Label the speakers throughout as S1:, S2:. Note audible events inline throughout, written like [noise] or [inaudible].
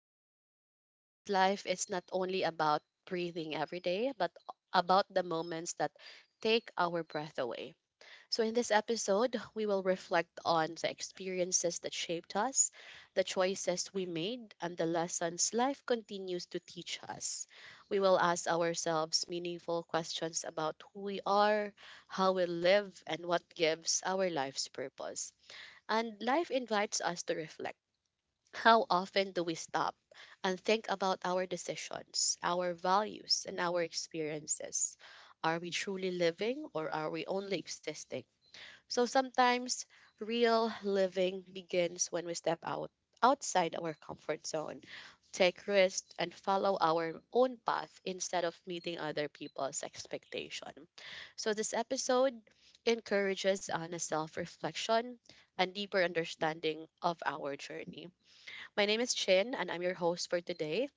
S1: matter. Because life is not only about breathing every day, but about the moments that take our breath away. So, in this episode, we will reflect on the experiences that shaped us, the choices we made, and the lessons life continues to teach us. We will ask ourselves meaningful questions about who we are, how we live, and what gives our life's purpose. And life invites us to reflect. How often do we stop and think about our decisions, our values, and our experiences? Are we truly living, or are we only existing? So sometimes real living begins when we step out outside our comfort zone, take risks, and follow our own path instead of meeting other people's expectation. So this episode encourages honest self-reflection and deeper understanding of our journey. My name is Chin, and I'm your host for today.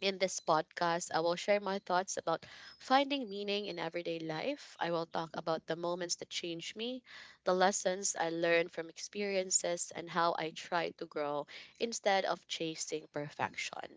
S1: In this podcast, I will share my thoughts about finding meaning in everyday life. I will talk about the moments that changed me, the lessons I learned from experiences, and how I try to grow instead of chasing perfection.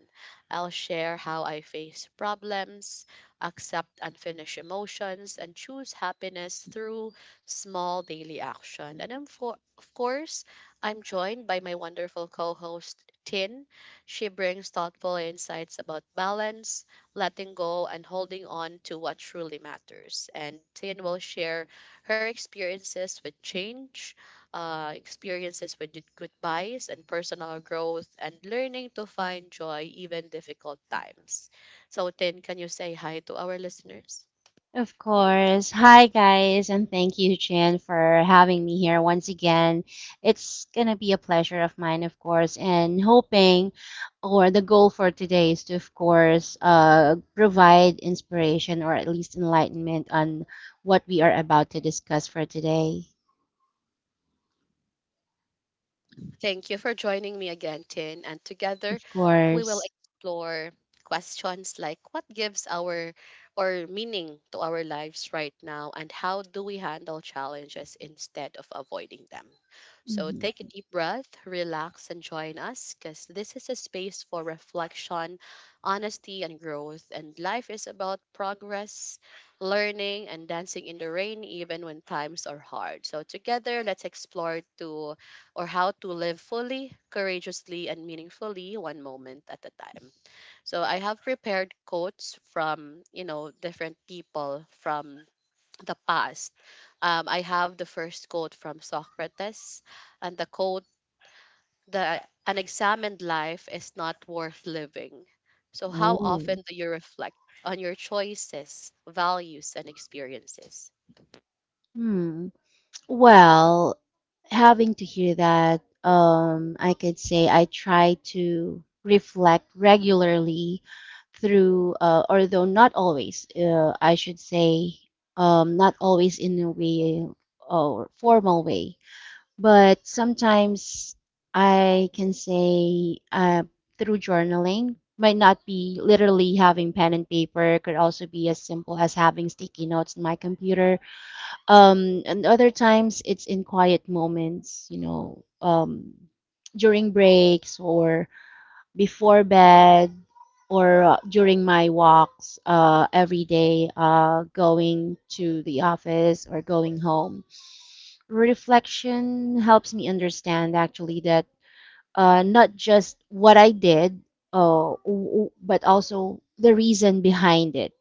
S1: I'll share how I face problems, accept unfinished emotions, and choose happiness through small daily action. And of course, I'm joined by my wonderful co host, Tin. She brings thoughtful insights about balance, letting go, and holding on to what truly matters. And Tin will share her experiences with change, goodbyes, and personal growth, and learning to find joy even difficult times. So, Tin, can you say hi to our listeners?
S2: Of course. Hi, guys, and thank you, Jen, for having me here once again. It's gonna be a pleasure of mine, of course, and hoping or the goal for today is to, of course, provide inspiration or at least enlightenment on what we are about to discuss for today.
S1: Thank you for joining me again, Tin. And together,
S2: Of
S1: we will
S2: course.
S1: explore questions like what gives our or meaning to our lives right now, and how do we handle challenges instead of avoiding them. So take a
S2: Hmm.
S1: deep breath, relax, and join us, cuz this is a space for reflection, honesty, and growth, and life is about progress, learning, and dancing in the rain even when times are hard. So together, let's explore to or how to live fully, courageously, and meaningfully, one moment at a time. So I have prepared quotes from, you know, different people from the past. I have the first quote from Socrates, and the quote, the unexamined life is not worth living. So, how
S2: Oh.
S1: often do you reflect on your choices, values, and experiences?
S2: Hmm. Well, having to hear that, I could say I try to reflect regularly through, although not always, I should say, not always in a way or formal way, but sometimes I can say through journaling. Might not be literally having pen and paper, could also be as simple as having sticky notes in my computer, and other times it's in quiet moments, during breaks or before bed or during my walks every day, going to the office or going home. Reflection helps me understand, actually, that not just what I did, but also the reason behind it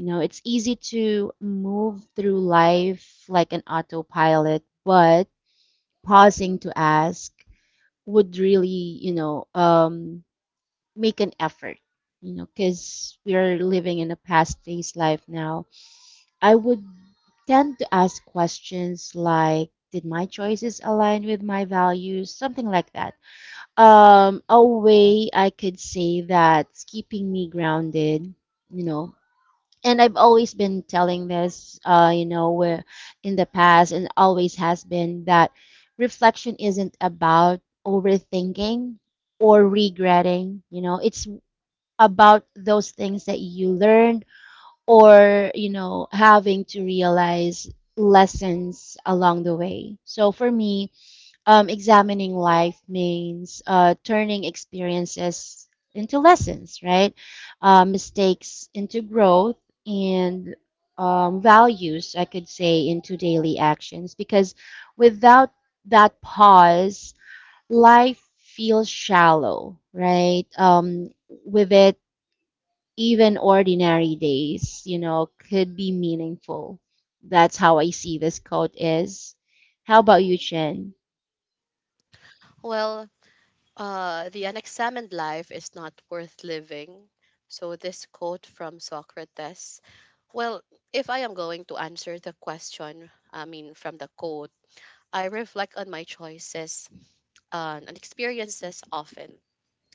S2: you know, It's easy to move through life like an autopilot, but pausing to ask would really, make an effort, you know, because we are living in a past phase life now. I would tend to ask questions like, did my choices align with my values? Something like that. A way I could say that's keeping me grounded, you know, and I've always been telling this, where in the past and always has been that reflection isn't about overthinking or regretting. You know, it's about those things that you learned or, you know, having to realize lessons along the way. So for me, examining life means turning experiences into lessons, right? Mistakes into growth, and values, I could say, into daily actions. Because without that pause, life feels shallow, right? With it, even ordinary days, you know, could be meaningful. That's how I see this quote is. How about you, Chen?
S1: Well, the unexamined life is not worth living. So, this quote from Socrates. Well, if I am going to answer the question, I mean, from the quote, I reflect on my choices, and experiences often,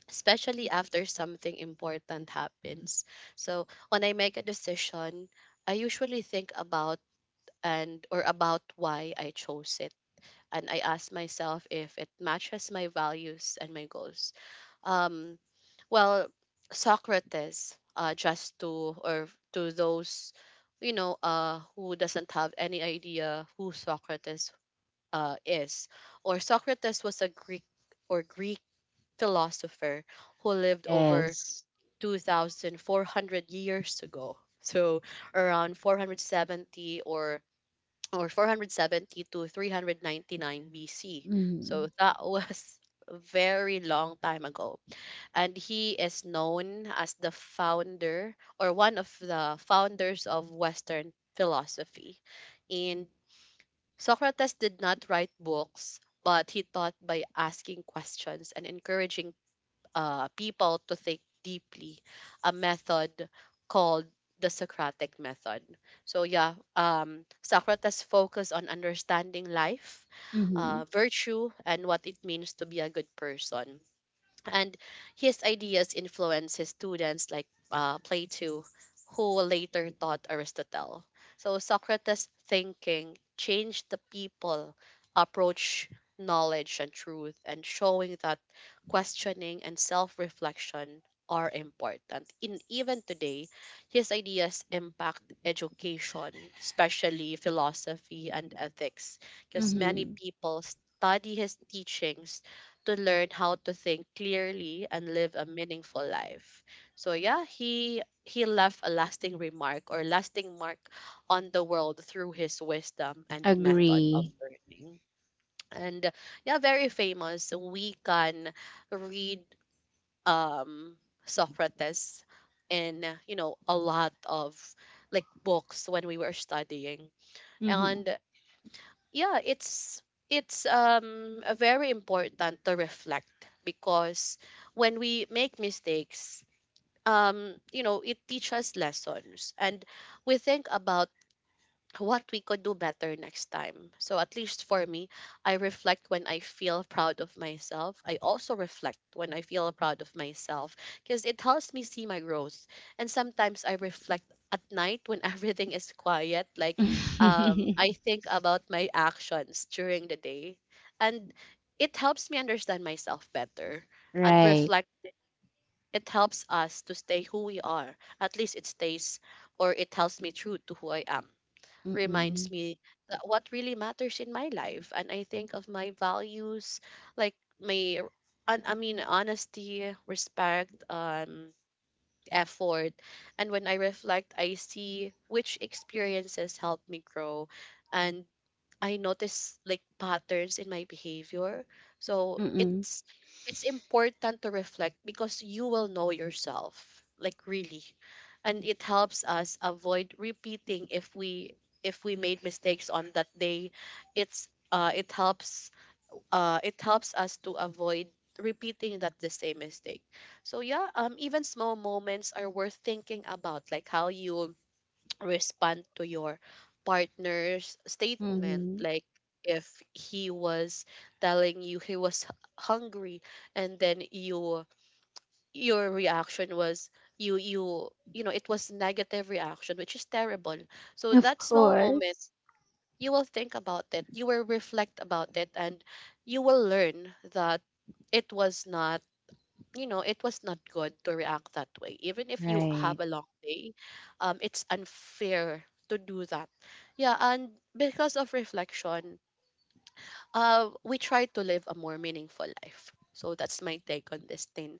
S1: especially after something important happens. So, when I make a decision, I usually think about, and or about why I chose it. And I ask myself if it matches my values and my goals. Um, well, Socrates, just to or to those, you know, who doesn't have any idea who Socrates is, or Socrates was a Greek, or Greek philosopher who lived over
S2: Yes.
S1: 2,400 years ago. So around 470, or 470 to 399 BC.
S2: Mhm.
S1: So that was [laughs] a very long time ago, and he is known as the founder, or one of the founders of Western philosophy. And Socrates did not write books, but he taught by asking questions and encouraging people to think deeply, a method called the Socratic method. So yeah, Socrates focused on understanding life,
S2: Mhm.
S1: virtue, and what it means to be a good person, and his ideas influenced his students like Plato, who later taught Aristotle. So Socrates' thinking changed the people approach knowledge and truth, and showing that questioning and self-reflection are important. In even today, his ideas impact education, especially philosophy and ethics, because many
S2: Mhm.
S1: people study his teachings to learn how to think clearly and live a meaningful life. So yeah, he left a lasting remark, or lasting mark on the world through his wisdom and method of
S2: Agree.
S1: learning. And yeah, very famous. We can read um Socrates in, you know, a lot of, like, books when we were studying.
S2: Mhm.
S1: And yeah, it's very important to reflect, because when we make mistakes, you know, it teaches us lessons, and we think about what we could do better next time. So, at least for me, I reflect when I feel proud of myself. I also reflect when I feel proud of myself because it helps me see my growth. And sometimes I reflect at night when [laughs] everything is quiet. Like, I
S2: [laughs]
S1: think about my actions during the day, and it helps me understand myself better, and
S2: Right.
S1: reflect. It helps us to stay who we are. At least it stays, or it tells me true to who I am, reminds
S2: Mm-mm.
S1: me that what really matters in my life, and I think of my values, like my honesty, respect, effort. And when I reflect, I see which experiences helped me grow, and I notice, like, patterns in my behavior. So
S2: Mm-mm.
S1: it's important to reflect, because you will know yourself, like, really. And it helps us avoid repeating, if we made mistakes on that day. It's it helps us to avoid repeating that the same mistake. So yeah, even small moments are worth thinking about, like how you respond to your partner's statement,
S2: Mm-hmm.
S1: like if he was telling you he was hungry, and then you, your reaction was, you know, it was negative reaction, which is terrible. So
S2: Of
S1: that small moment,
S2: course.
S1: you will think about it, you will reflect about it, and you will learn that it was not, you know, it was not good to react that way. Even if you have
S2: Right.
S1: a long day, it's unfair to do that. Yeah, and because of reflection, we try to live a more meaningful life. So that's my take on this thing.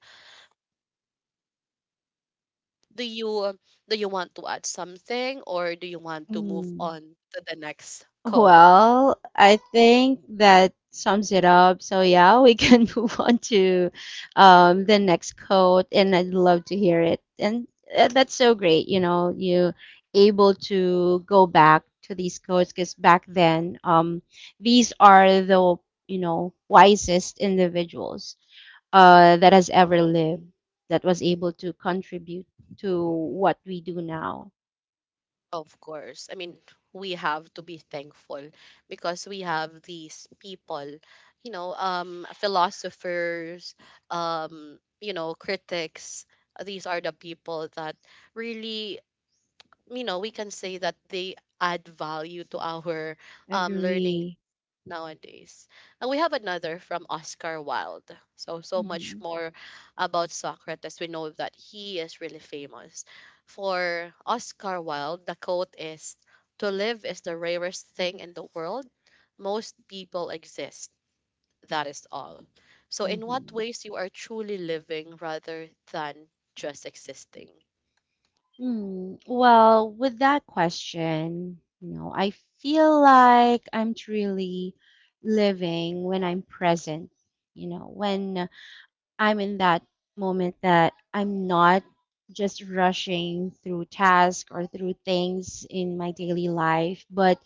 S1: Do you do you want to add something, or do you want to move
S2: Mm.
S1: on to the next code?
S2: Well, I think that sums it up. So yeah, we can [laughs] move on to, the next quote, and I'd love to hear it. And that's so great, you know, you able to go back to these quotes because back then, these are the, you know, wisest individuals that has ever lived, that was able to contribute to what we do now.
S1: Of course. I mean, we have to be thankful, because we have these people, you know, philosophers, you know, critics. These are the people that really, you know, we can say that they add value to our learning
S2: Agree.
S1: nowadays. And we have another from Oscar Wilde. So much
S2: Mm-hmm.
S1: more about Socrates. We know that he is really famous. For Oscar Wilde, the quote is, to live is the rarest thing in the world. Most people exist. That is all. So in what
S2: Mm-hmm.
S1: ways you are truly living rather than just existing?
S2: Hmm, well, with that question, you know, I feel like I'm truly living when I'm present, you know, when I'm in that moment that I'm not just rushing through tasks or through things in my daily life, but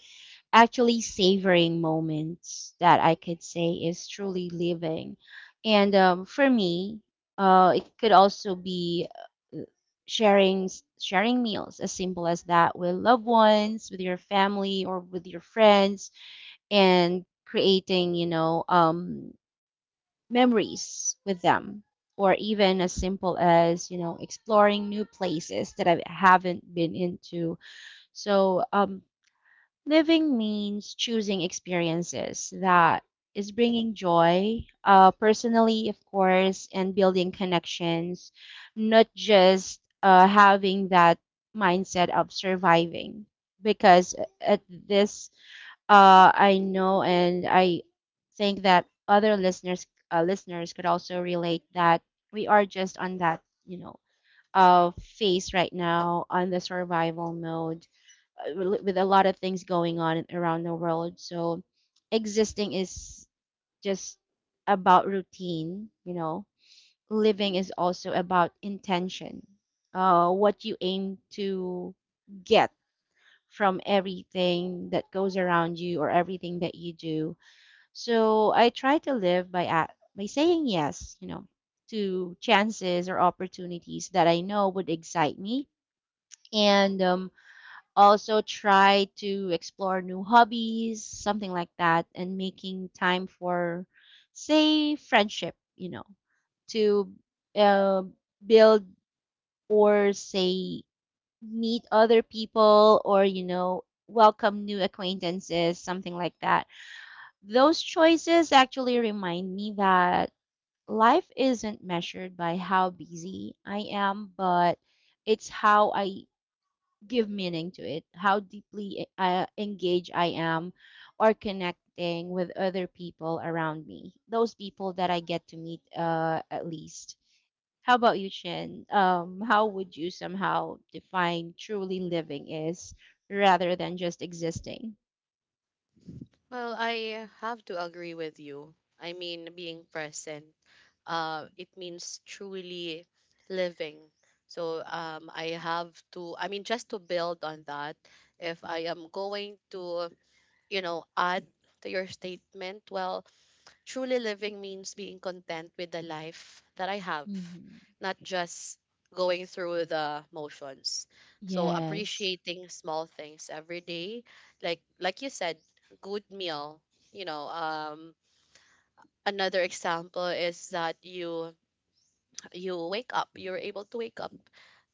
S2: actually savoring moments that I could say is truly living. And for me, it could also be uh, sharing meals as simple as that with loved ones, with your family or with your friends, and creating, memories with them. Or even as simple as, you know, exploring new places that I haven't been into. So living means choosing experiences that is bringing joy, personally, of course, and building connections, not just having that mindset of surviving. Because at this, I know, and I think that other listeners could also relate, that we are just on that, you know, phase right now on the survival mode, with a lot of things going on around the world. So existing is just about routine, you know. Living is also about intention. What you aim to get from everything that goes around you, or everything that you do. So I try to live by a by saying yes, you know, to chances or opportunities that I know would excite me, and also try to explore new hobbies, something like that, and making time for, say, friendship, you know, to uh, build or say meet other people, or, you know, welcome new acquaintances, something like that. Those choices actually remind me that life isn't measured by how busy I am, but it's how I give meaning to it, how deeply engaged I am or connecting with other people around me, those people that I get to meet at least. How about you, Chin? How would you somehow define truly living is rather than just existing?
S1: Well, I have to agree with you. I mean, being present, it means truly living. So I have to, I mean, just to build on that, if I am going to, you know, add to your statement, well, truly living means being content with the life that I have,
S2: Hmm.
S1: not just going through the motions. So
S2: Yes.
S1: appreciating small things every day, like you said, good meal. You know, another example is that you wake up you're able to wake up,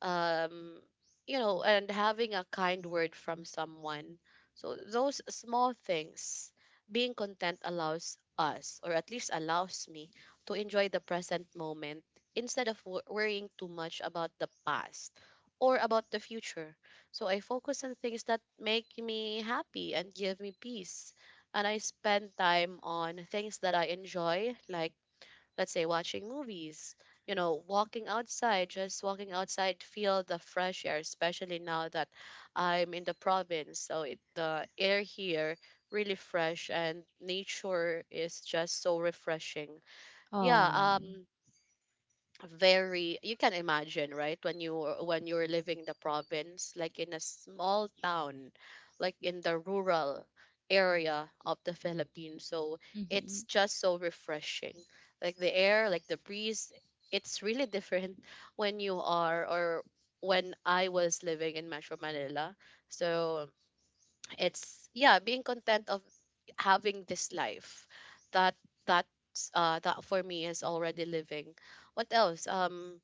S1: um you know, and having a kind word from someone. So those small things, being content allows us, or at least allows me, to enjoy the present moment, instead of worrying too much about the past or about the future. So I focus on things that make me happy and give me peace, and I spend time on things that I enjoy, like, let's say, watching movies, you know, walking outside, just walking outside to feel the fresh air, especially now that I'm in the province. So it, the air here really fresh, and nature is just so refreshing. Yeah,
S2: Oh.
S1: um very, you can imagine, right, when when you're living the province, like in a small town, like in the rural area of the Philippines. So it's
S2: Hmm.
S1: just so refreshing, like the air, like the breeze, it's really different [laughs] when you are, or when I was living in Metro Manila. So it's, yeah, being content of having this life, that that for me, is already living. What else,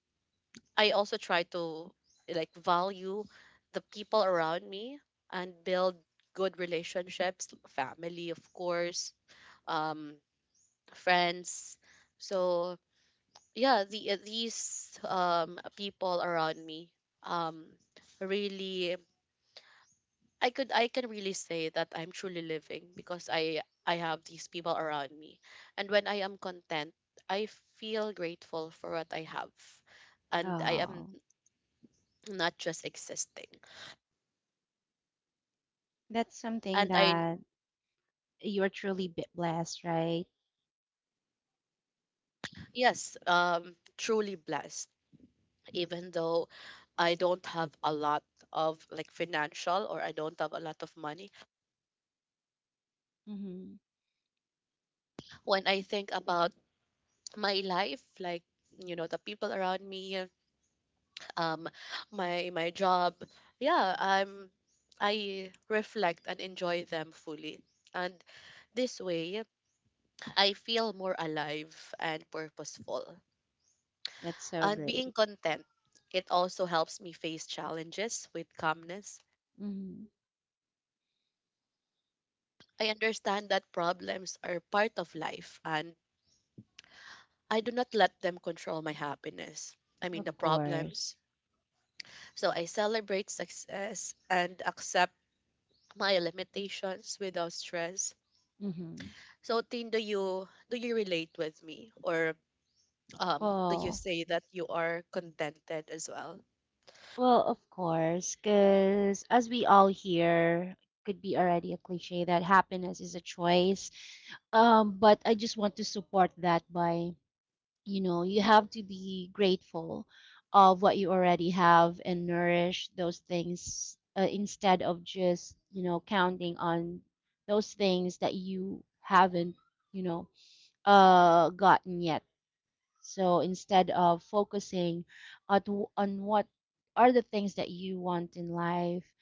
S1: I also try to, like, value the people around me, and build good relationships. Family, of course, um friends. So yeah, the these people around me, um really, I could, I can really say that I'm truly living, because I have these people around me. And when I am content, I feel grateful for what I have. And I am
S2: Oh.
S1: not just existing.
S2: That's something
S1: And I
S2: that you are truly bit blessed, right?
S1: Yes, truly blessed, even though I don't have a lot of, like, financial, or I don't have a lot of money.
S2: Hmm.
S1: When I think about my life, like the people around me, um my job, yeah i'm I reflect and enjoy them fully, and this way I feel more alive and purposeful.
S2: That's so
S1: And being
S2: great.
S1: content, it also helps me face challenges with calmness.
S2: Mhm.
S1: I understand that problems are part of life, and I do not let them control my happiness, I mean the
S2: Of
S1: problems.
S2: course.
S1: So I celebrate success and accept my limitations without stress.
S2: Mm-hmm.
S1: So, Tin, do you relate with me, or do you
S2: Well,
S1: say that you are contented as well?
S2: well, of course, because as we all hear, could be already a cliche that happiness is a choice. But I just want to support that by, you know, you have to be grateful of what you already have and nourish those things, instead of just, you know, counting on those things that you haven't, you know, gotten yet. So instead of focusing at, on what are the things that you want in life,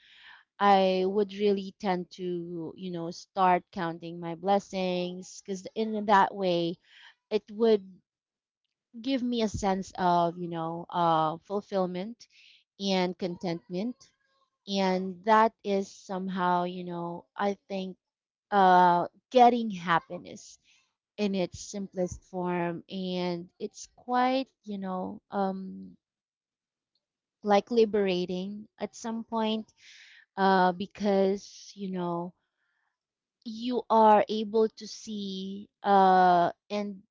S2: I would really tend to, you know, start counting my blessings, because in that way it would give me a sense of, fulfillment and contentment. And that is somehow, you know, I think, getting happiness in its simplest form, and it's quite, like liberating at some point, because, you know, you are able to see, and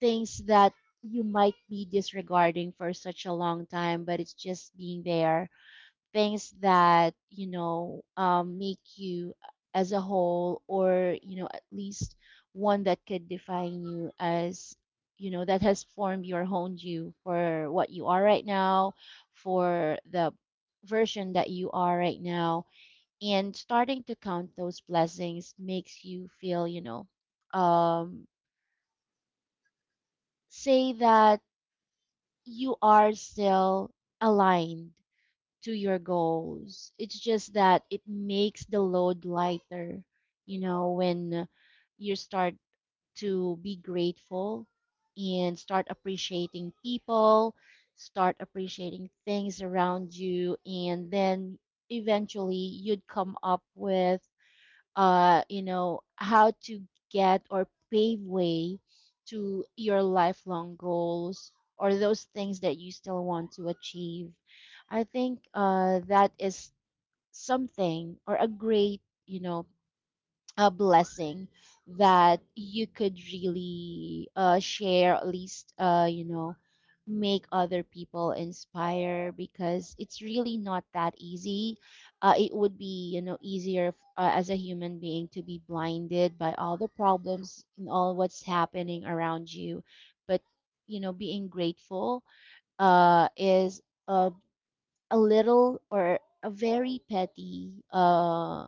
S2: things that you might be disregarding for such a long time, but it's just being there, things that, make you as a whole, or, you know, at least one that could define you, as, you know, that has formed you or honed you for what you are right now, for the version that you are right now. And starting to count those blessings makes you feel, um, say, that you are still aligned to your goals. It's just that it makes the load lighter, you know, when you start to be grateful and start appreciating people, start appreciating things around you, and then eventually you'd come up with, how to get or pave way to your lifelong goals, or those things that you still want to achieve. I think that is something, or a great, you know, a blessing that you could really share, at least, you know, make other people inspire, because it's really not that easy. It would be, you know, easier, as a human being, to be blinded by all the problems and all what's happening around you. But, you know, being grateful, is a, a little, or a very petty,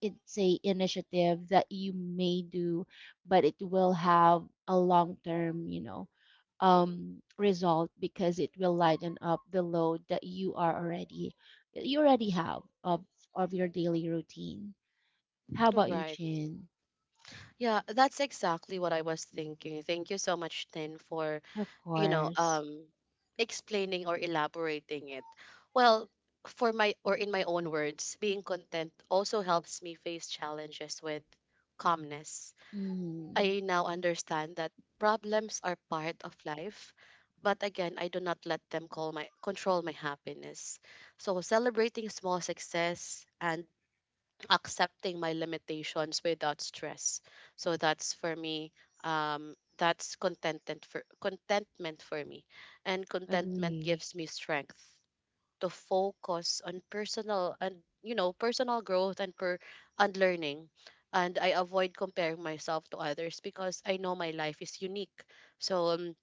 S2: it's a initiative that you may do, but it will have a long term, result, because it will lighten up the load that you are already you already have of your daily routine. How about you,
S1: Right.
S2: Chin?
S1: Yeah, that's exactly what I was thinking. Thank you so much, Tin, for,
S2: Of
S1: you know,
S2: course.
S1: um explaining or elaborating it. Well, for my or in my own words, being content also helps me face challenges with calmness.
S2: Mm.
S1: I now understand that problems are part of life, but again, I do not let them call my control my happiness. So celebrating small success and accepting my limitations without stress. So that's for me. That's contentment for me, and contentment
S2: Agree.
S1: gives me strength to focus on personal and you know personal growth and per and learning. And I avoid comparing myself to others because I know my life is unique. So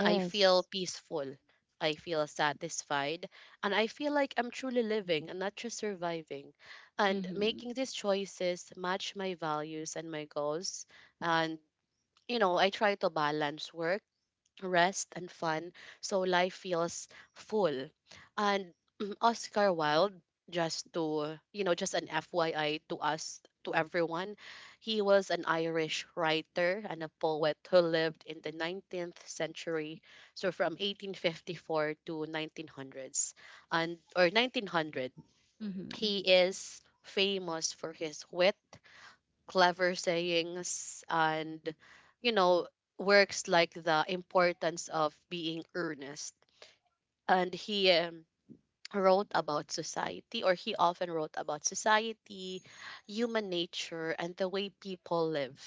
S1: I feel peaceful, I feel satisfied, and I feel like I'm truly living and not just surviving. And
S2: Mm-hmm.
S1: making these choices match my values and my goals. And you know I try to balance work, rest, and fun, so life feels full. And Oscar Wilde, just to just an FYI to us, to everyone, he was an Irish writer and a poet who lived in the 19th century, so from 1854 to 1900s, and or 1900.
S2: Mm-hmm.
S1: He is famous for his wit, clever sayings, and you know works like The Importance of Being Earnest. And he wrote about society, or he often wrote about society, human nature, and the way people live,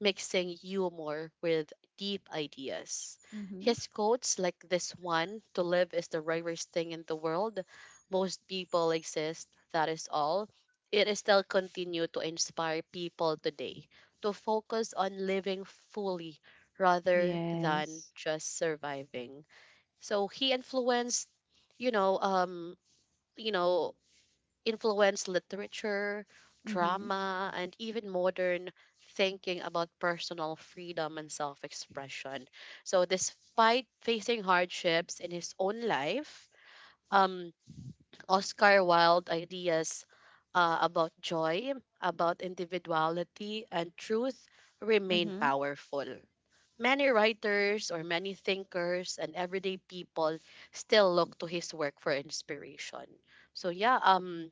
S1: mixing humor with deep ideas.
S2: Mm-hmm.
S1: His quotes, like this one: to live is the rarest thing in the world. Most people exist, that is all. It is still continue to inspire people today to focus on living fully rather than
S2: Yes.
S1: just surviving. So he influenced you know, um, you know, influenced literature,
S2: Mm-hmm.
S1: drama, and even modern thinking about personal freedom and self expression. So, despite facing hardships in his own life, um, Oscar Wilde's ideas about joy, about individuality, and truth remain
S2: Mm-hmm.
S1: powerful. Many writers or many thinkers and everyday people still look to his work for inspiration. So yeah,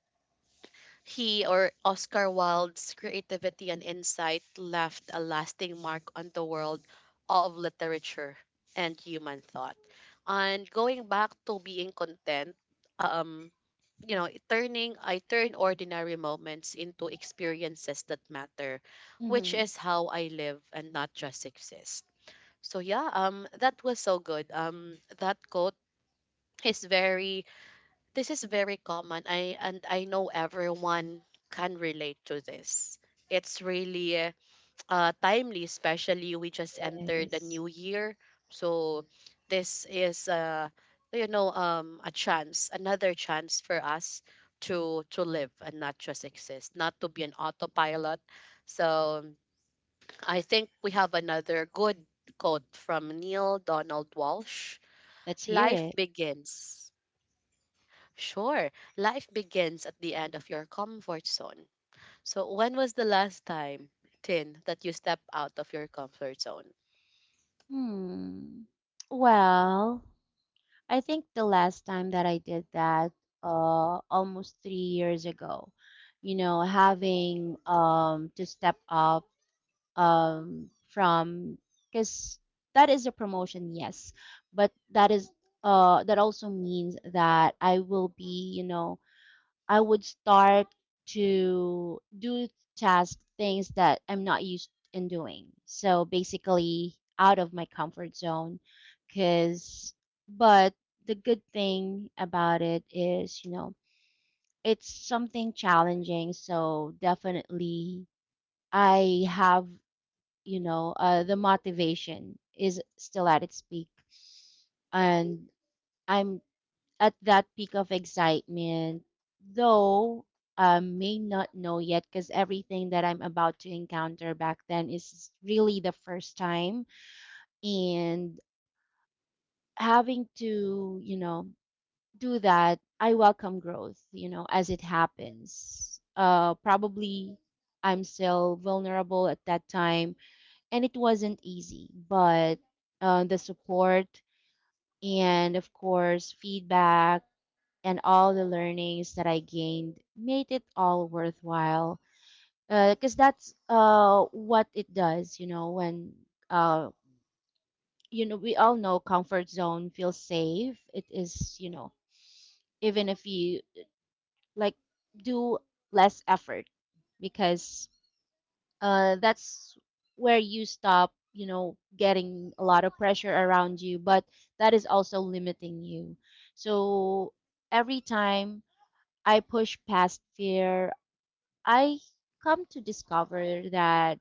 S1: he or Oscar Wilde's creativity and insight left a lasting mark on the world of literature and human thought. And going back to being content, um, you know, turning I turn ordinary moments into experiences that matter, which
S2: Mm-hmm.
S1: is how I live and not just exist. So yeah, that was so good. That quote is very this is very common. I know everyone can relate to this. It's really timely, especially we just entered the
S2: Yes.
S1: new year. So this is a chance, another chance for us to live and not just exist, not to be an autopilot. So I think we have another good quote from Neil Donald Walsh.
S2: Let's hear
S1: Life
S2: it.
S1: begins. Sure, Life begins at the end of your comfort zone. So, when was the last time, Tin, that you stepped out of your comfort zone?
S2: Hmm. Well, I think the last time that I did that, almost 3 years ago, you know, having to step up from, because that is a promotion, yes, but that is, that also means that I will be, you know, I would start to do task things that I'm not used in doing. So basically out of my comfort zone cuz but the good thing about it is, you know, it's something challenging, so definitely I have, the motivation is still at its peak, and I'm at that peak of excitement, though I may not know yet, because everything that I'm about to encounter back then is really the first time. And having to, you know, do that, I welcome growth, you know, as it happens. Probably I'm still vulnerable at that time, and it wasn't easy, but the support, and of course feedback, and all the learnings that I gained made it all worthwhile. Because that's what it does, you know, when, you know, we all know comfort zone feels safe. It is, you know, even if you like do less effort, because that's where you stop, you know, getting a lot of pressure around you, but that is also limiting you. So every time I push past fear, I come to discover that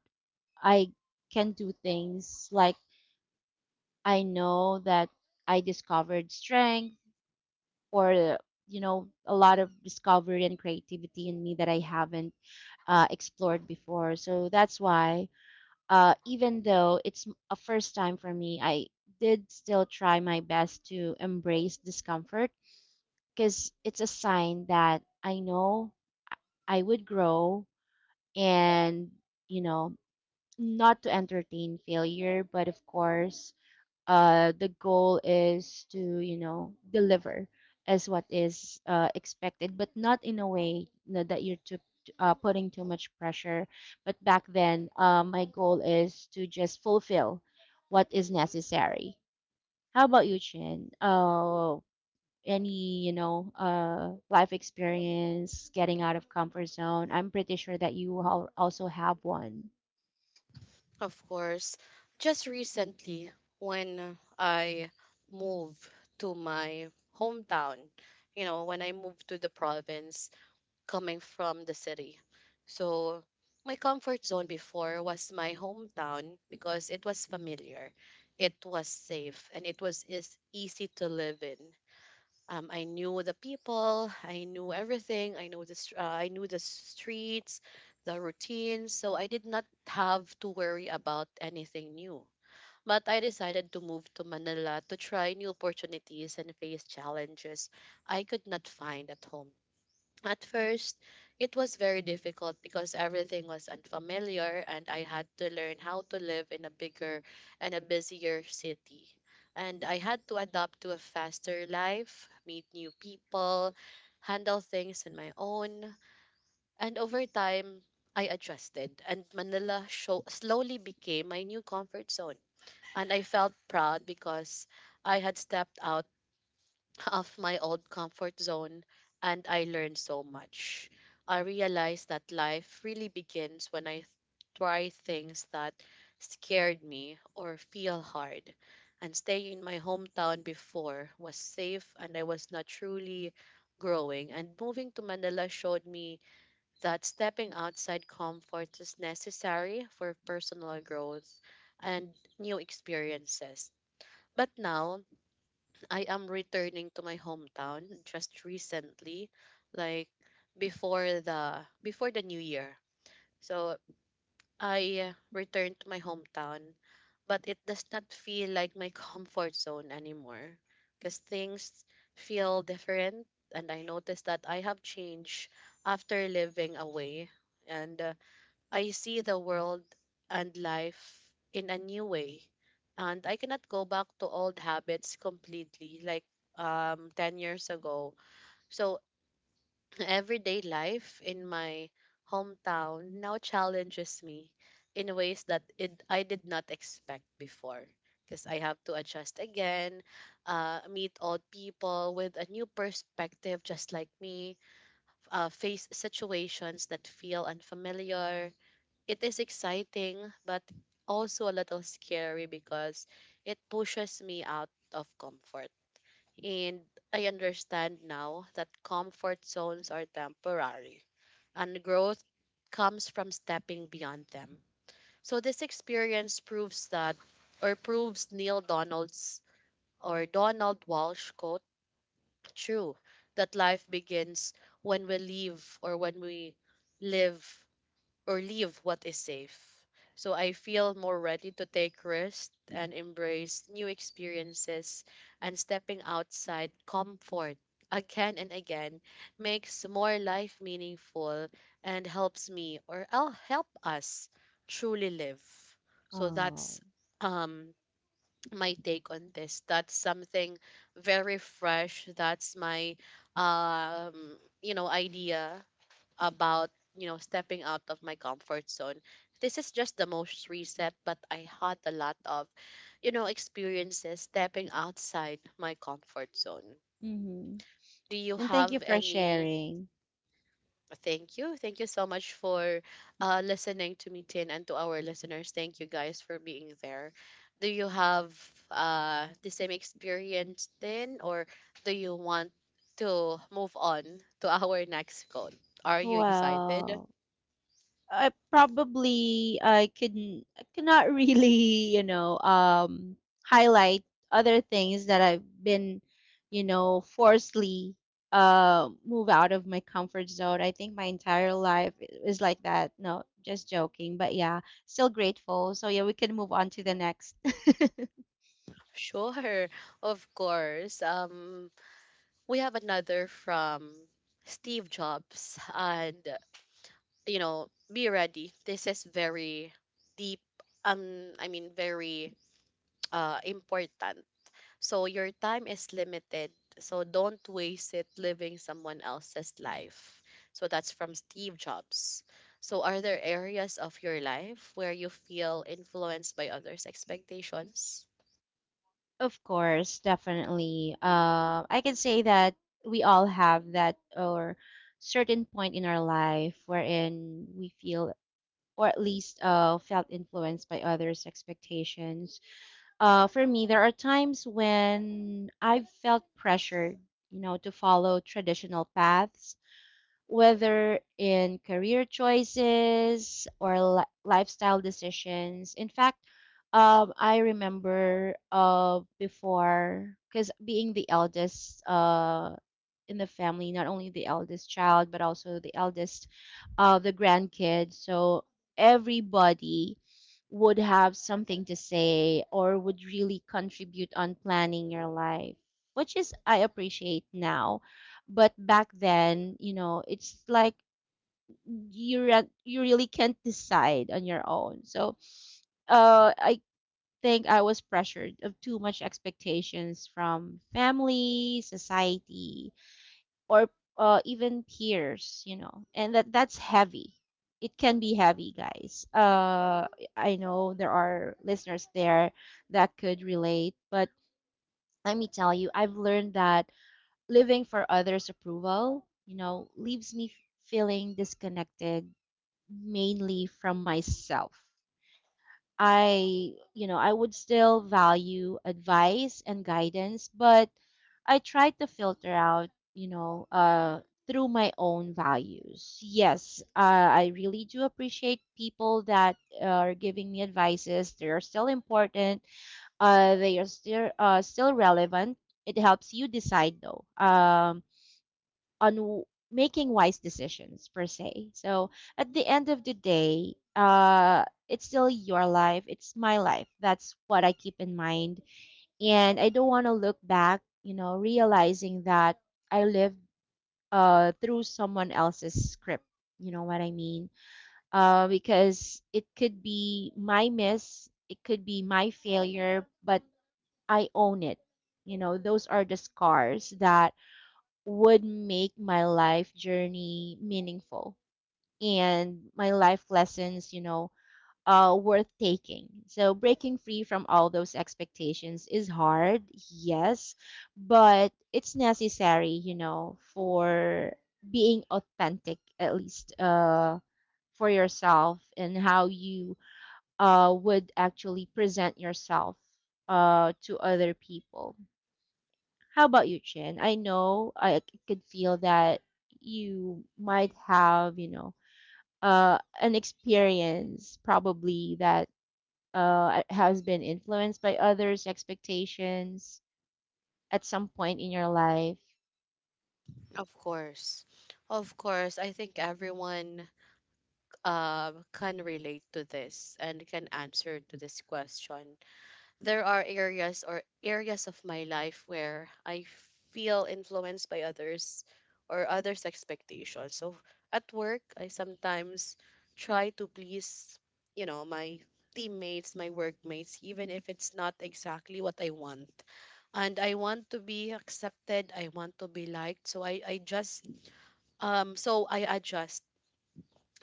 S2: I can do things like, I know that I discovered strength, or, you know, a lot of discovery and creativity in me, that I haven't explored before. So that's why, even though it's a first time for me, I did still try my best to embrace discomfort, because it's a sign that I know I would grow, and, you know, not to entertain failure, but of course, the goal is to, you know, deliver as what is expected, but not in a way, that you're too, putting too much pressure. But back then, my goal is to just fulfill what is necessary. How about you, Chin? Any life experience, getting out of comfort zone? I'm pretty sure that you also have one.
S1: Of course, just recently when I moved to my hometown, you know, when I moved to the province coming from the city. So, my comfort zone before was my hometown because it was familiar, it was safe, and it was is easy to live in. I knew the people, I knew everything, I knew the streets, the routines, so I did not have to worry about anything new. But I decided to move to Manila to try new opportunities and face challenges I could not find at home. At first, it was very difficult because everything was unfamiliar and I had to learn how to live in a bigger and a busier city. And I had to adapt to a faster life, meet new people, handle things on my own. And over time, I adjusted and slowly became my new comfort zone. And I felt proud because I had stepped out [laughs] of my old comfort zone and I learned so much. I realized that life really begins when try things that scared me or feel hard. And staying in my hometown before was safe and I was not truly growing. And moving to Manila showed me that stepping outside comfort is necessary for personal growth and new experiences. But now I am returning to my hometown just recently, like before the new year. So I returned to my hometown, but it does not feel like my [laughs] comfort zone anymore because things feel different and I noticed that I have changed after living away, and I see the world and life in a new way. And I cannot go back to old habits completely, like 10 years ago. So, [clears throat] everyday life in my hometown now challenges me in ways that I did not expect before. Because I have to adjust again, meet old people with a new perspective, just like me, face situations that feel unfamiliar. It is exciting, but also a little scary because it pushes me out of comfort. And I understand now that comfort zones are temporary and growth comes from stepping beyond them. So this experience proves that or proves Neil Donald's or Donald Walsh quote true, that life begins when we leave, or when we live or leave what is safe. So I feel more ready to take risks and embrace new experiences, and stepping outside comfort again and again makes more life meaningful and helps me, or I'll help us truly live. So
S2: Oh.
S1: that's um my take on this. That's something very fresh. That's my um you know idea about, you know, stepping out of my comfort zone. This is just the most recent, but I had a lot of, you know, experiences stepping outside my comfort zone.
S2: Mm-hmm.
S1: Do you
S2: And thank
S1: have
S2: you for
S1: any?
S2: sharing.
S1: Thank you. Thank you so much for listening to me, Tin, and to our listeners. Thank you guys for being there. Do you have the same experience, Tin, or do you want to move on to our next quote? Are you excited?
S2: Well, I probably I couldn't I cannot [laughs] really, you know, um highlight other things that I've been, you know, forcibly move out of my comfort zone. I think my entire life is like that. No, just joking. But yeah, still grateful. So yeah, we can move on to the next. [laughs]
S1: Sure, [laughs] of course. We have another from Steve Jobs, and you know, be ready. This is very deep. I mean, very important. So your time is limited. So don't waste it living someone else's life. So that's from Steve Jobs. So are there areas of your life where you feel influenced by others' expectations?
S2: Of course, definitely. I can say that we all have that or certain point in our life wherein we feel or at least felt influenced by others' expectations. For me, there are times when I've felt pressured, you know, to follow traditional paths whether in career choices or lifestyle decisions. In fact, I remember before, because being the eldest in the family, not only the eldest child, but also the eldest the grandkids. So everybody would have something to say or would really contribute on planning your life, which is I appreciate now but back then, you know, it's like you you really can't decide on your own. So, I think I was pressured of too much expectations from family, society, or even peers. You know, and that's heavy. It can be heavy, guys. I know there are listeners there that could relate, but let me tell you, I've learned that living for others' approval, you know, leaves me feeling disconnected mainly from myself. I, you know, I would still value advice and guidance, but I try to filter out, you know, through my own values. Yes, I really do appreciate people that are giving me advices. They are still important. They are still relevant. It helps you decide though. On making wise decisions per se. So at the end of the day, it's still your life. It's my life. That's what I keep in mind, and I don't want to look back, you know, realizing that I lived through someone else's script. You know what I mean? Because it could be my miss, it could be my failure, but I own it. You know, those are the scars that would make my life journey meaningful and my life lessons, you know, worth taking. So breaking free from all those expectations is hard, yes, but it's necessary, you know, for being authentic at least for yourself and how you would actually present yourself to other people. How about you, Chin? I know I could feel that you might have, you know, an experience probably that has been influenced by others' expectations at some point in your life.
S1: Of course. Of course, I think everyone can relate to this and can answer to this question. There are areas of my life where I feel influenced by others or others' expectations. So at work, I sometimes try to please, you know, my teammates, my workmates, even if it's not exactly what I want. And I want to be accepted, I want to be liked. So I just so I adjust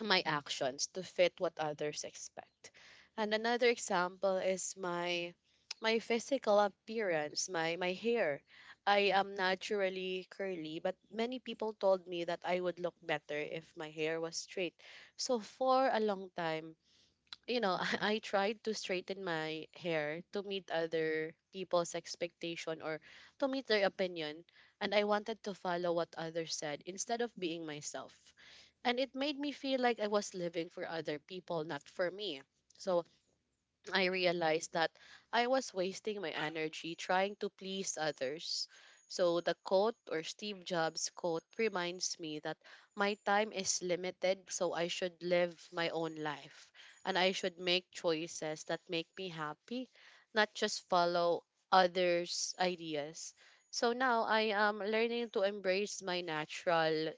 S1: my actions to fit what others expect. And another example is my physical appearance, my hair. I am naturally curly, but many people told me that I would look better if my hair was straight. So for a long time, you know, [laughs] I tried to straighten my hair to meet other people's expectation or to meet their opinion, and I wanted to follow what others said instead of being myself. And it made me feel like I was living for other people, not for me. So I realized that I was wasting my energy trying to please others. So the quote or Steve Jobs quote reminds me that my time is limited, so I should live my own life and I should make choices that make me happy, not just follow others' ideas. So now I am learning to embrace my natural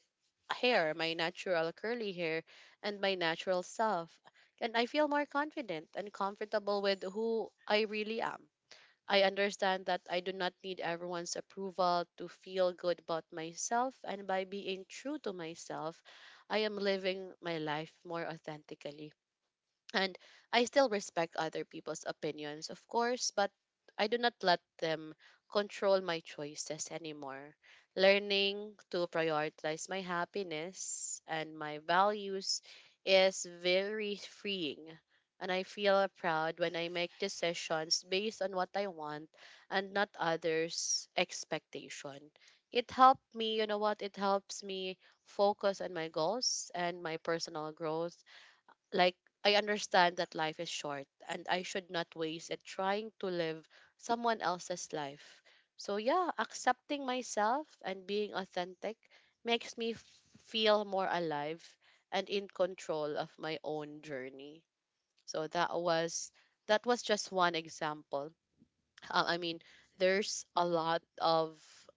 S1: hair, my natural curly hair, and my natural self. And I feel more confident and comfortable with who I really am. I understand that I do not need everyone's approval to feel good about myself, and by being true to myself, I am living my life more authentically. And I still respect other people's opinions, of course, but I do not let them control my choices anymore. Learning to prioritize my happiness and my values is very freeing. And I feel proud when I make decisions based on what I want and not others' expectation. It helped me, you know what? It helps me focus on my goals and my personal growth like, I understand that life is short and I should not waste it trying to live someone else's life. So, yeah, accepting myself and being authentic makes me feel more alive and in control of my own journey. So, that was just one example. Um, I mean, there's a lot of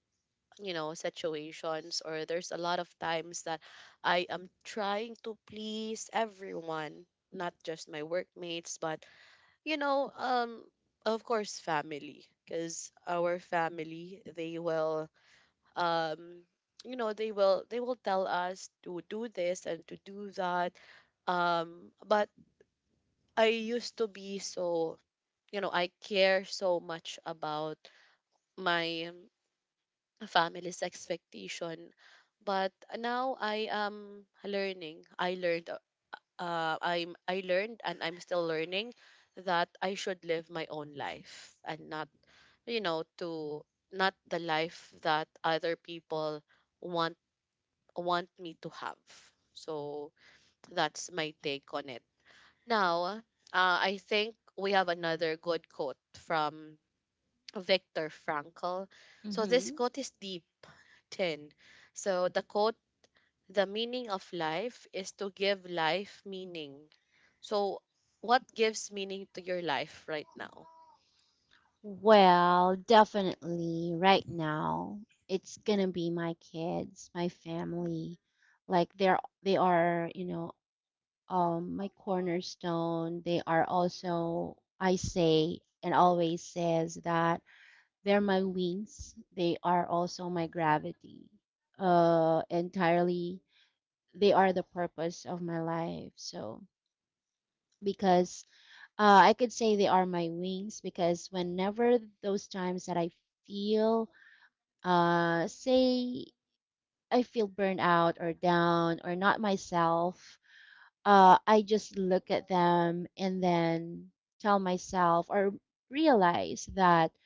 S1: situations, or there's a lot of times that I am trying to please everyone, not just my workmates but you know um of course family, because our family, they will um they will tell us to do this and to do that. But I used to be so, I care so much about my family's expectation. But now I am learning. I learned and I'm still learning that I should live my own life and not, you know to not the life that other people want want me to have. So that's my take on it. Now, I think we have another good quote from Viktor Frankl. So this
S2: Mm-hmm.
S1: quote is deep. 10. So the quote, the meaning of life is to give life meaning. So, what gives meaning to your life right now?
S2: Well, definitely right now, it's gonna be my kids, my family. Like they are, you know, my cornerstone. They are also, I say, and always says that they're my wings. They are also my gravity. Entirely, they are the purpose of my life. So, because I could say they are my wings, because whenever those times that I feel, say, I feel burned out or down or not myself, I just look at them and then tell myself or realize that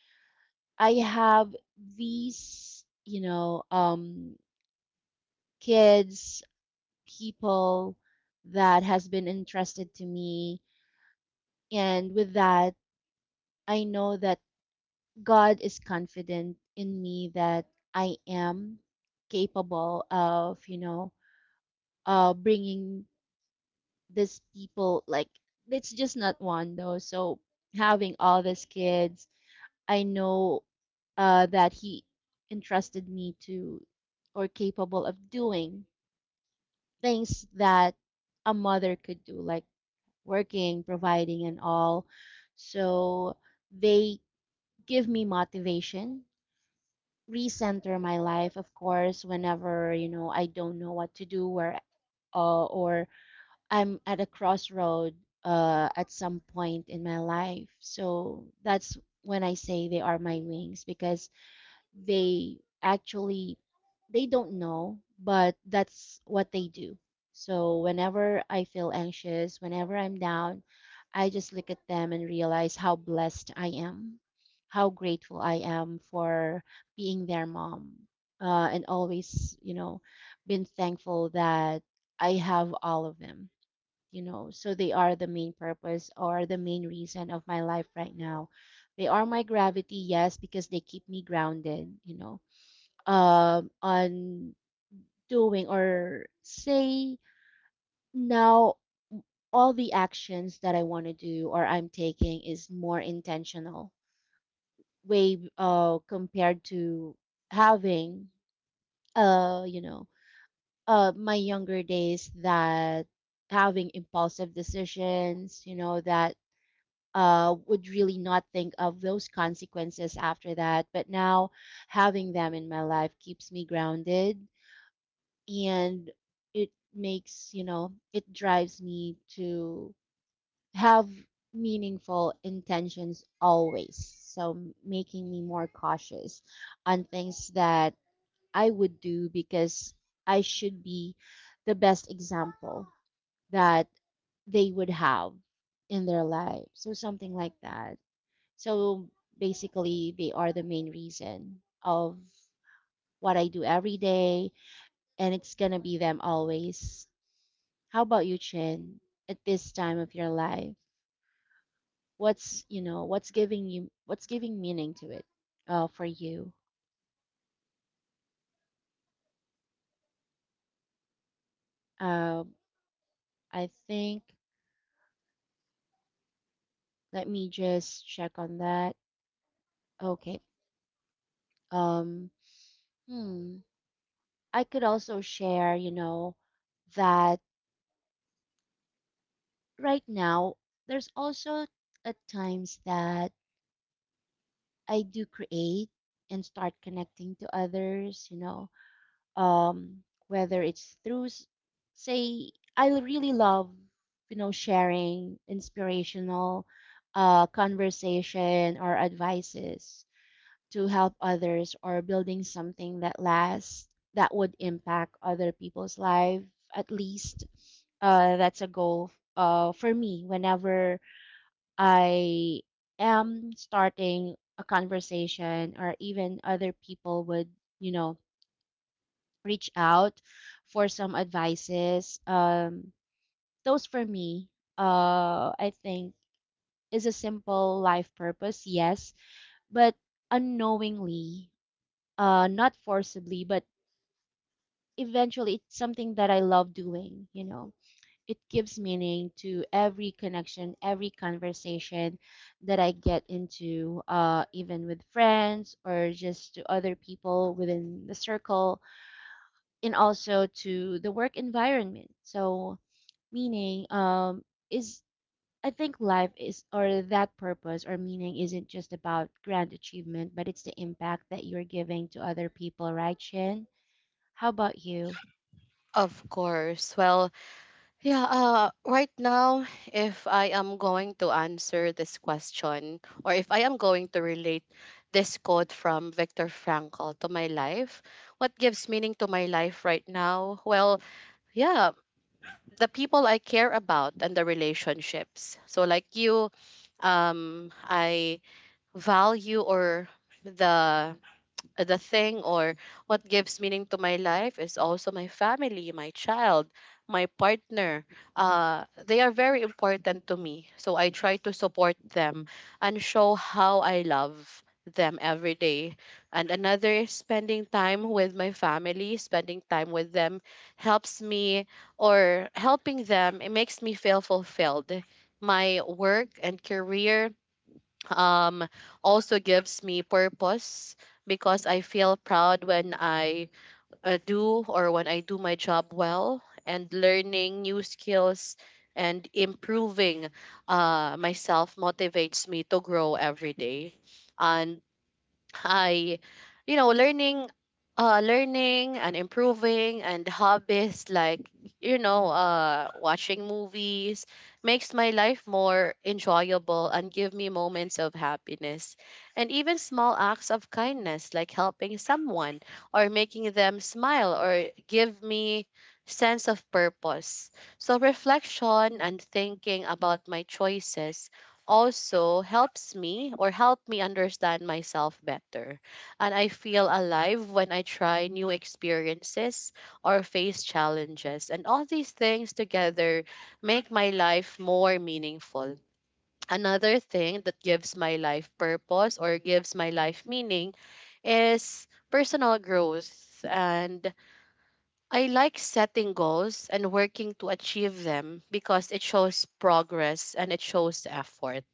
S2: I have these, you know, kids, people that has been entrusted to me, and with that, I know that God is confident in me that I am capable of, you know, bringing these people, like it's just not one though. So having all these kids, I know that he entrusted me to or capable of doing things that a mother could do, like working, providing and all. So they give me motivation, recenter my life of course whenever, you know, I don't know what to do where or I'm at a crossroad at some point in my life. So that's when I say they are my wings because they actually, they don't know, but that's what they do. So whenever I feel anxious, whenever I'm down, I just look at them and realize how blessed I am, how grateful I am for being their mom, and always, you know, been thankful that I have all of them. You know, so they are the main purpose or the main reason of my life right now. They are my gravity, yes, because they keep me grounded, you know, on doing or say now all the actions that I want to do or I'm taking is more intentional way compared to having uh you know my younger days, that having impulsive decisions, you know, that would really not think of those consequences after that. But now having them in my life keeps me grounded and it makes, you know, it drives me to have meaningful intentions always. So making me more cautious on things that I would do because I should be the best example that they would have in their lives or something like that. So basically, they are the main reason of what I do every day, and it's gonna be them always. How about you, Chin? At this time of your life, what's you know what's giving you what's giving meaning to it for you? Uh, I think let me just check on that. Okay. Um. Hmm. I could also share, you know, that right now there's also at times that I do create and start connecting to others, you know, whether it's through, say, I really love, you know, sharing inspirational conversation or advices to help others or building something that lasts, that would impact other people's life at least. That's a goal for me whenever I am starting a conversation, or even other people would, you know, reach out for some advices. Those for me, I think is a simple life purpose, yes, but unknowingly, not forcibly, but eventually it's something that I love doing, you know. It gives meaning to every connection, every conversation that I get into, even with friends or just to other people within the circle, and also to the work environment. So, meaning is, I think, life is, or that purpose or meaning isn't just about grand achievement, but it's the impact that you're giving to other people, right, Shin? How about you?
S1: Of course. Well, yeah, right now, if I am going to answer this question, or if I am going to relate this quote from Viktor Frankl to my life, what gives meaning to my life right now? Well, yeah, the people I care about and the relationships. So like you, I value, or the the thing, or what gives meaning to my life is also my family, my child, my partner. They are very important to me. So I try to support them and show how I love them every day. And another is spending time with my family. Spending time with them helps me, or helping them, it makes me feel fulfilled. My work and career um, also gives me purpose because I feel proud when I do or when I do my job well, and learning new skills and improving myself motivates me to grow every day. And I, you know, learning, learning and improving, and hobbies like, watching movies, makes my life more enjoyable and give me moments of happiness. And even small acts of kindness, like helping someone or making them smile, or give me sense of purpose. So reflection and thinking about my choices also helps me, or help me understand myself better. And I feel alive when I try new experiences or face challenges. And all these things together make my life more meaningful. Another thing that gives my life purpose, or gives my life meaning, is personal growth. And I like setting goals and working to achieve them because it shows progress and it shows effort.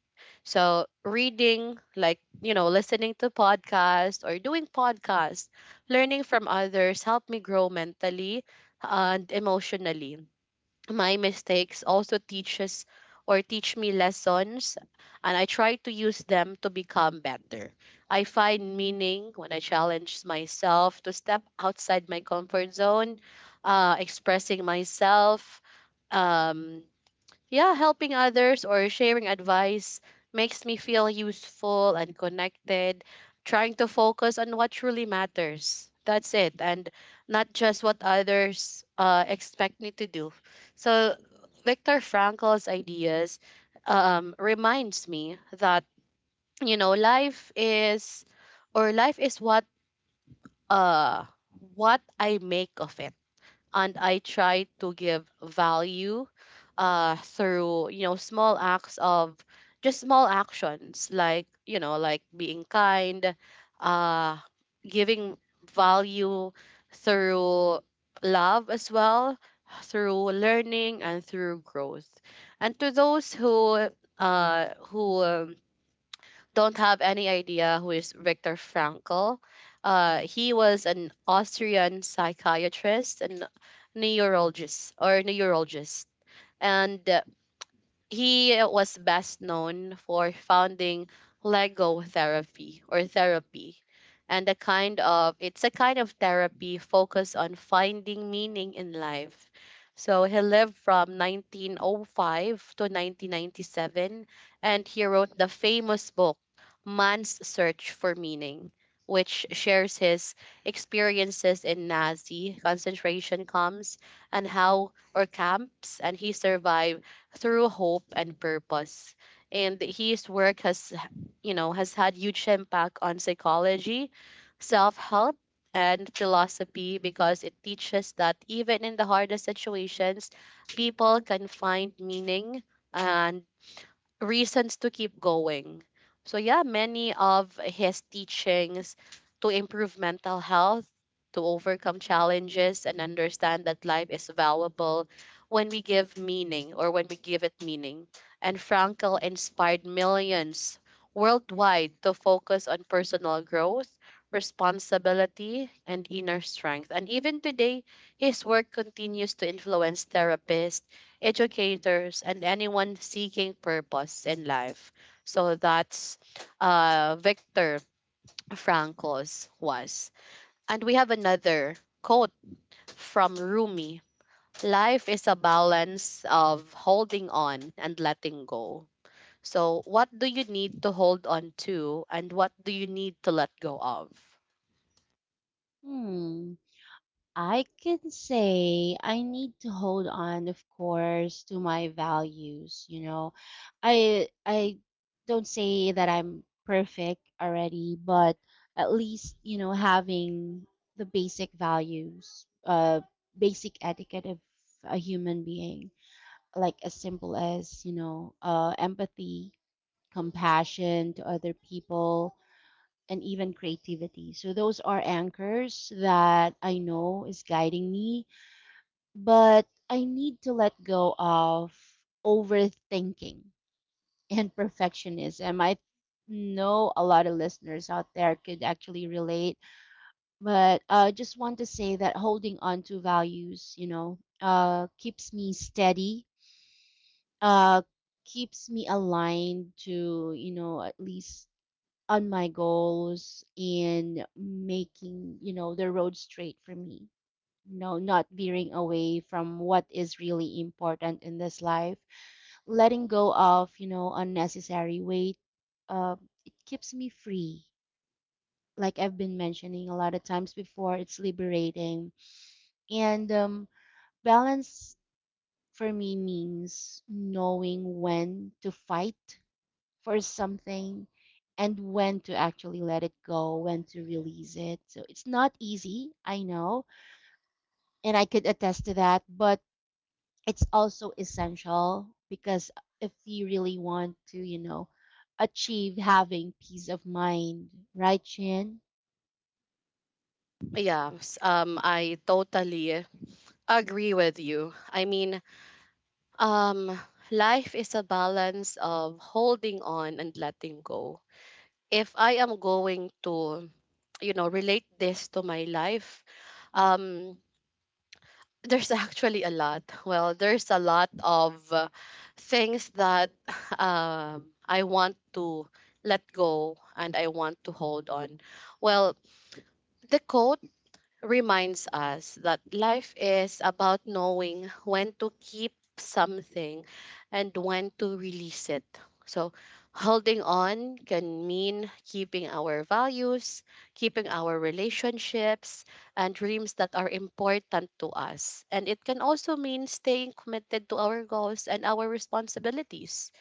S1: So reading, like, listening to podcasts or doing podcasts, learning from others, help me grow mentally and emotionally. My mistakes also teaches, or teach me lessons, and I try to use them to become better. I find meaning when I challenge myself to step outside my comfort zone, expressing myself, um, yeah, helping others or sharing advice makes me feel useful and connected, trying to focus on what truly matters. That's it, and not just what others expect me to do. So, Viktor Frankl's ideas reminds me that life is, or life is uh what I make of it, and I try to give value through small acts of, just small actions, like like being kind, uh, giving value through love as well, through learning and through growth. And to those who uh, who um, don't have any idea who is Viktor Frankl, he was an Austrian psychiatrist and neurologist, or neurologist. And he was best known for founding Lego therapy, or therapy, and a kind of, it's a kind of therapy focused on finding meaning in life. So he lived from 1905 to 1997, and he wrote the famous book Man's Search for Meaning, which shares his experiences in Nazi concentration camps, and how, or camps, and he survived through hope and purpose. And his work has, has had huge impact on psychology, self-help, and philosophy, because it teaches that even in the hardest situations, people can find meaning and reasons to keep going. So yeah, many of his teachings to improve mental health, to overcome challenges and Mhm. understand that life is valuable when we give meaning, or when we give it meaning. And Frankl inspired millions worldwide to focus on personal growth, responsibility, and inner strength. And even today, his work continues to influence therapists, educators, and anyone seeking purpose in life. So that's Victor Frankl's was. And we have another quote from Rumi. Life is a balance of holding on and letting go. So, what do you need to hold on to, and what do you need to let go of?
S2: Hmm. I can say I need to hold on, of course, to my values, you know. I don't say that I'm perfect already, but at least, you know, having the basic values, basic etiquette of a human being, like as simple as, you know, empathy, compassion to other people, and even creativity. So those are anchors that I know is guiding me, but I need to let go of overthinking and perfectionism. I know a lot of listeners out there could actually relate, but I just want to say that holding on to values, you know, keeps me steady, uh, keeps me aligned to, you know, at least on my goals and making, you know, the road straight for me. No, not veering away from what is really important in this life. Letting go of, you know, unnecessary weight, uh, it keeps me free. Like I've been mentioning a lot of times before, it's liberating. And balance for me means knowing when to fight for something and when to actually let it go, when to release it. So it's not easy, I know, and I could attest to that, but it's also essential because if you really want to, you know, achieve having peace of mind, right, Chin?
S1: Yeah, I totally agree with you. I mean, Um, life is a balance of holding on and letting go. If I am going to, relate this to my life, um, there's [laughs] actually a lot. Well, there's a lot of things that [laughs] I want to let go and I want to hold on. Well, the quote reminds us that life is about knowing when to keep something and when to release it. So, holding on can mean keeping our values, keeping our relationships, and dreams that are important to us. And it can also mean staying committed to our goals and our responsibilities.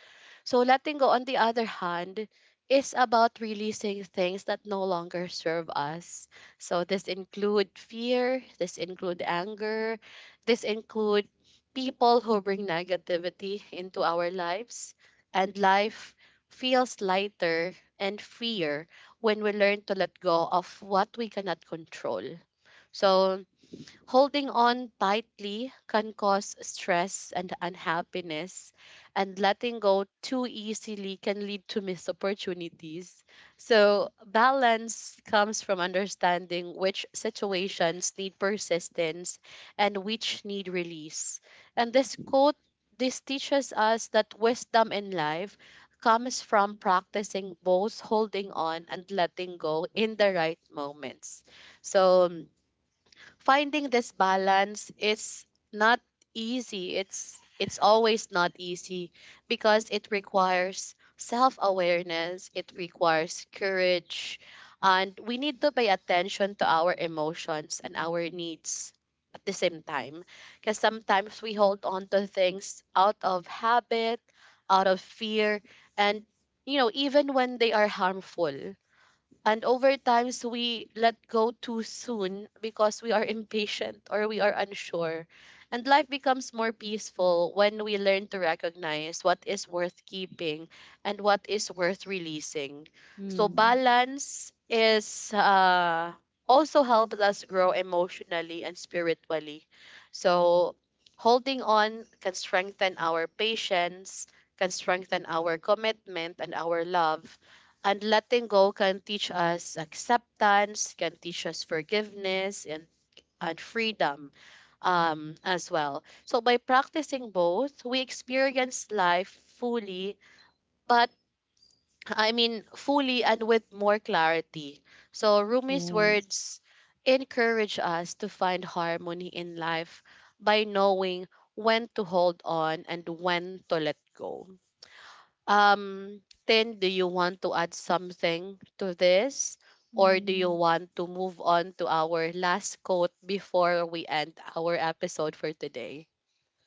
S1: So letting go, on the other hand, is about releasing things that no longer serve us. So this include fear, this include anger, this include people who bring negativity into our lives, and life feels lighter and freer when we learn to let go of what we cannot control. So holding on tightly can cause stress and unhappiness, and letting go too easily can lead to missed opportunities. So, balance comes from understanding which situations need persistence and which need release. And this quote, this teaches us that wisdom in life comes from practicing both holding on and letting go in the right moments. So, finding this balance is not easy. It's always not easy, because it requires self-awareness, it requires courage, and we need to pay attention to our emotions and our needs at the same time. Because sometimes we hold on to things out of habit, out of fear, and even when they are harmful. And over times we let go too soon because we are impatient or we are unsure. And life becomes more peaceful when we learn to recognize what is worth keeping and what is worth releasing. So
S2: Hmm.
S1: balance is also helps us grow emotionally and spiritually. So holding on can strengthen our patience, can strengthen our commitment and our love, and letting go can teach us acceptance, can teach us forgiveness, and freedom as well. So by practicing both, we experience life fully, but fully and with more clarity. So Rumi's
S2: Yes.
S1: words encourage us to find harmony in life by knowing when to hold on and when to let go. Um, Tin, do you want to add something to this? Or do you
S2: Hmm.
S1: want to move on to our last quote before we end our episode for today?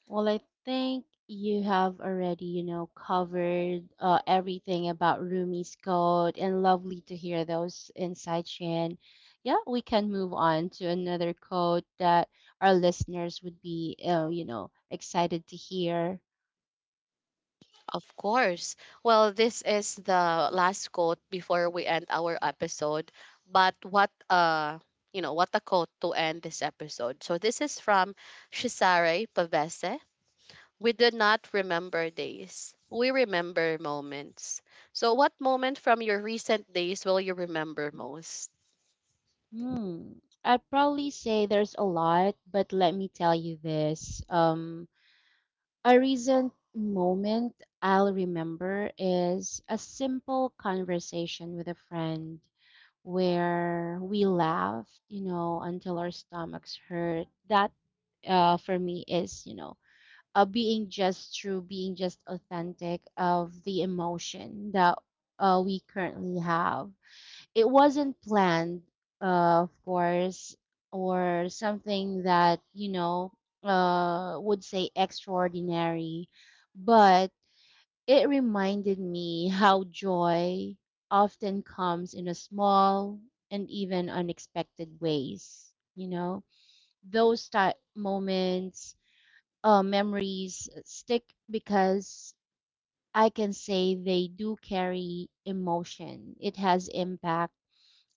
S2: Well, I think you have already, you know, covered everything about Rumi's code, and lovely to hear those insights, Chin. Yeah, we can move on to another code that our listeners would be, you know, excited to hear.
S1: Of course. Well, this is the last quote before we end our episode. But what what a quote to end this episode. So this is from Cesare Pavese. We do not remember days. We remember moments. So, what moment from your recent days will you remember most?
S2: Hmm. I'd probably say there's a lot, but let me tell you this. A recent moment I'll remember is a simple conversation with a friend where we laughed, you know, until our stomachs hurt. That, for me is, you know, being just true, being just authentic of the emotion that we currently have. It wasn't planned, of course, or something that, you know, would say extraordinary, but it reminded me how joy often comes in a small and even unexpected ways. You know, those type moments, memories stick because I can say they do carry emotion. It has impact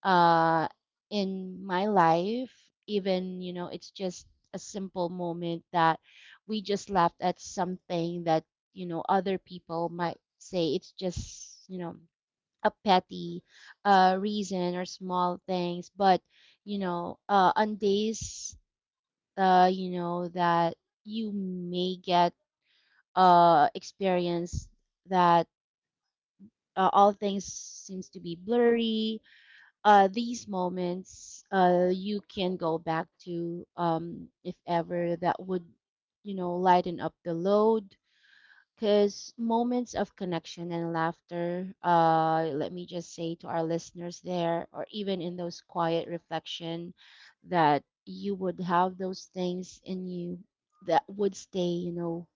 S2: uh, in my life. Even, you know, it's just a simple moment that we just laughed at something that, you know, other people might say it's just, you know, a petty reason or small things. But, you know, on days, you know, that you may get experience that all things seems to be blurry, these moments you can go back to, if ever that would, you know, lighten up the load, because moments of connection and laughter, let me just say to our listeners there or even in those quiet reflection, that you would have those things in you that would stay, you know,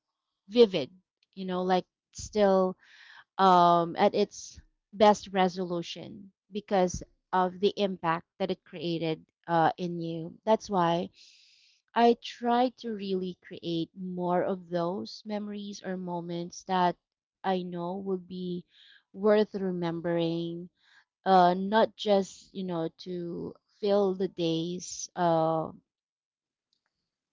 S2: vivid, you know, like still, at its best resolution because of the impact that it created in you. That's why I try to really create more of those memories or moments that I know will be worth remembering, not just, you know, to fill the days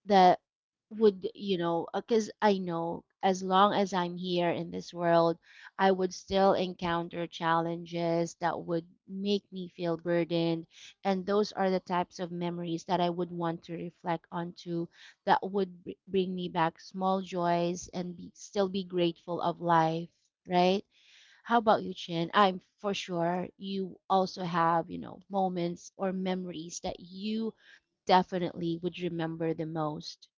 S2: that would, you know, because I know as long as I'm here in this world, I would still encounter challenges that would make me feel burdened. And those are the types of memories that I would want to reflect onto that would bring me back small joys and be, still be grateful of life, right? How about you, Chin? I'm for sure you also have, you know, moments or memories that you definitely would remember the most.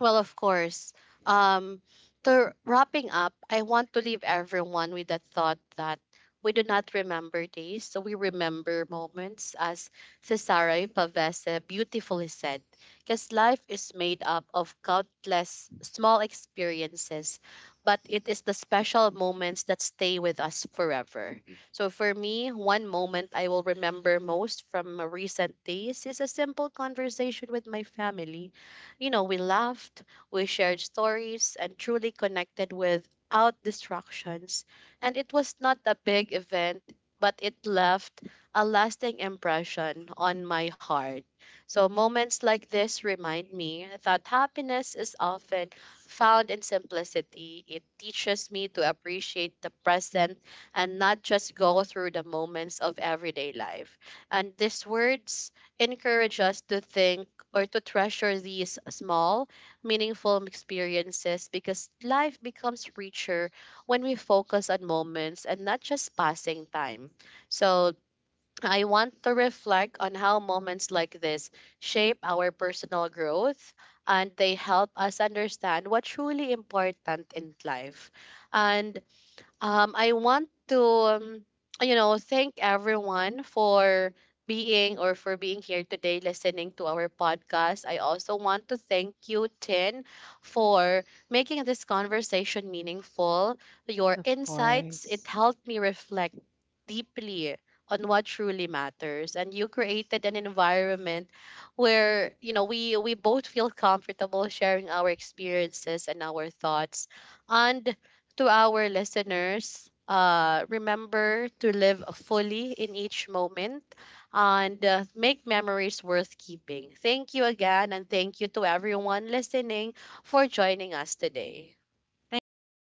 S1: Well, of course. Um, to wrapping up, I want to leave everyone with the thought that we do not remember days, so we remember moments, as Cesare Pavese beautifully said. Because life is made up of countless small experiences, but it is the special moments that stay with us forever. So for me, one moment I will remember most from my recent days is a simple conversation with my family. We laughed, we shared stories, and truly connected without distractions. And it was not a big event, but it left a lasting impression on my heart. So, moments like this remind me that happiness is often found in simplicity. It teaches me to appreciate the present and not just go through the moments of everyday life. And these words encourage us to think, or to treasure these small, meaningful experiences, because life becomes richer when we focus on moments and not just passing time. So, I want to reflect on how moments like this shape our personal growth, and they help us understand what's truly important in life. And I want to, you know, thank everyone for being, or for being here today listening to our podcast. I also want to thank you, Tin, for making this conversation meaningful. Your
S2: Of
S1: insights, it
S2: course.
S1: helped me reflect deeply on what truly matters, and you created an environment where we both feel comfortable sharing our experiences and our thoughts, and to our listeners, remember to live fully in each moment, and make memories worth keeping. Thank you again, and thank you to everyone listening for joining us today.
S2: Thanks for having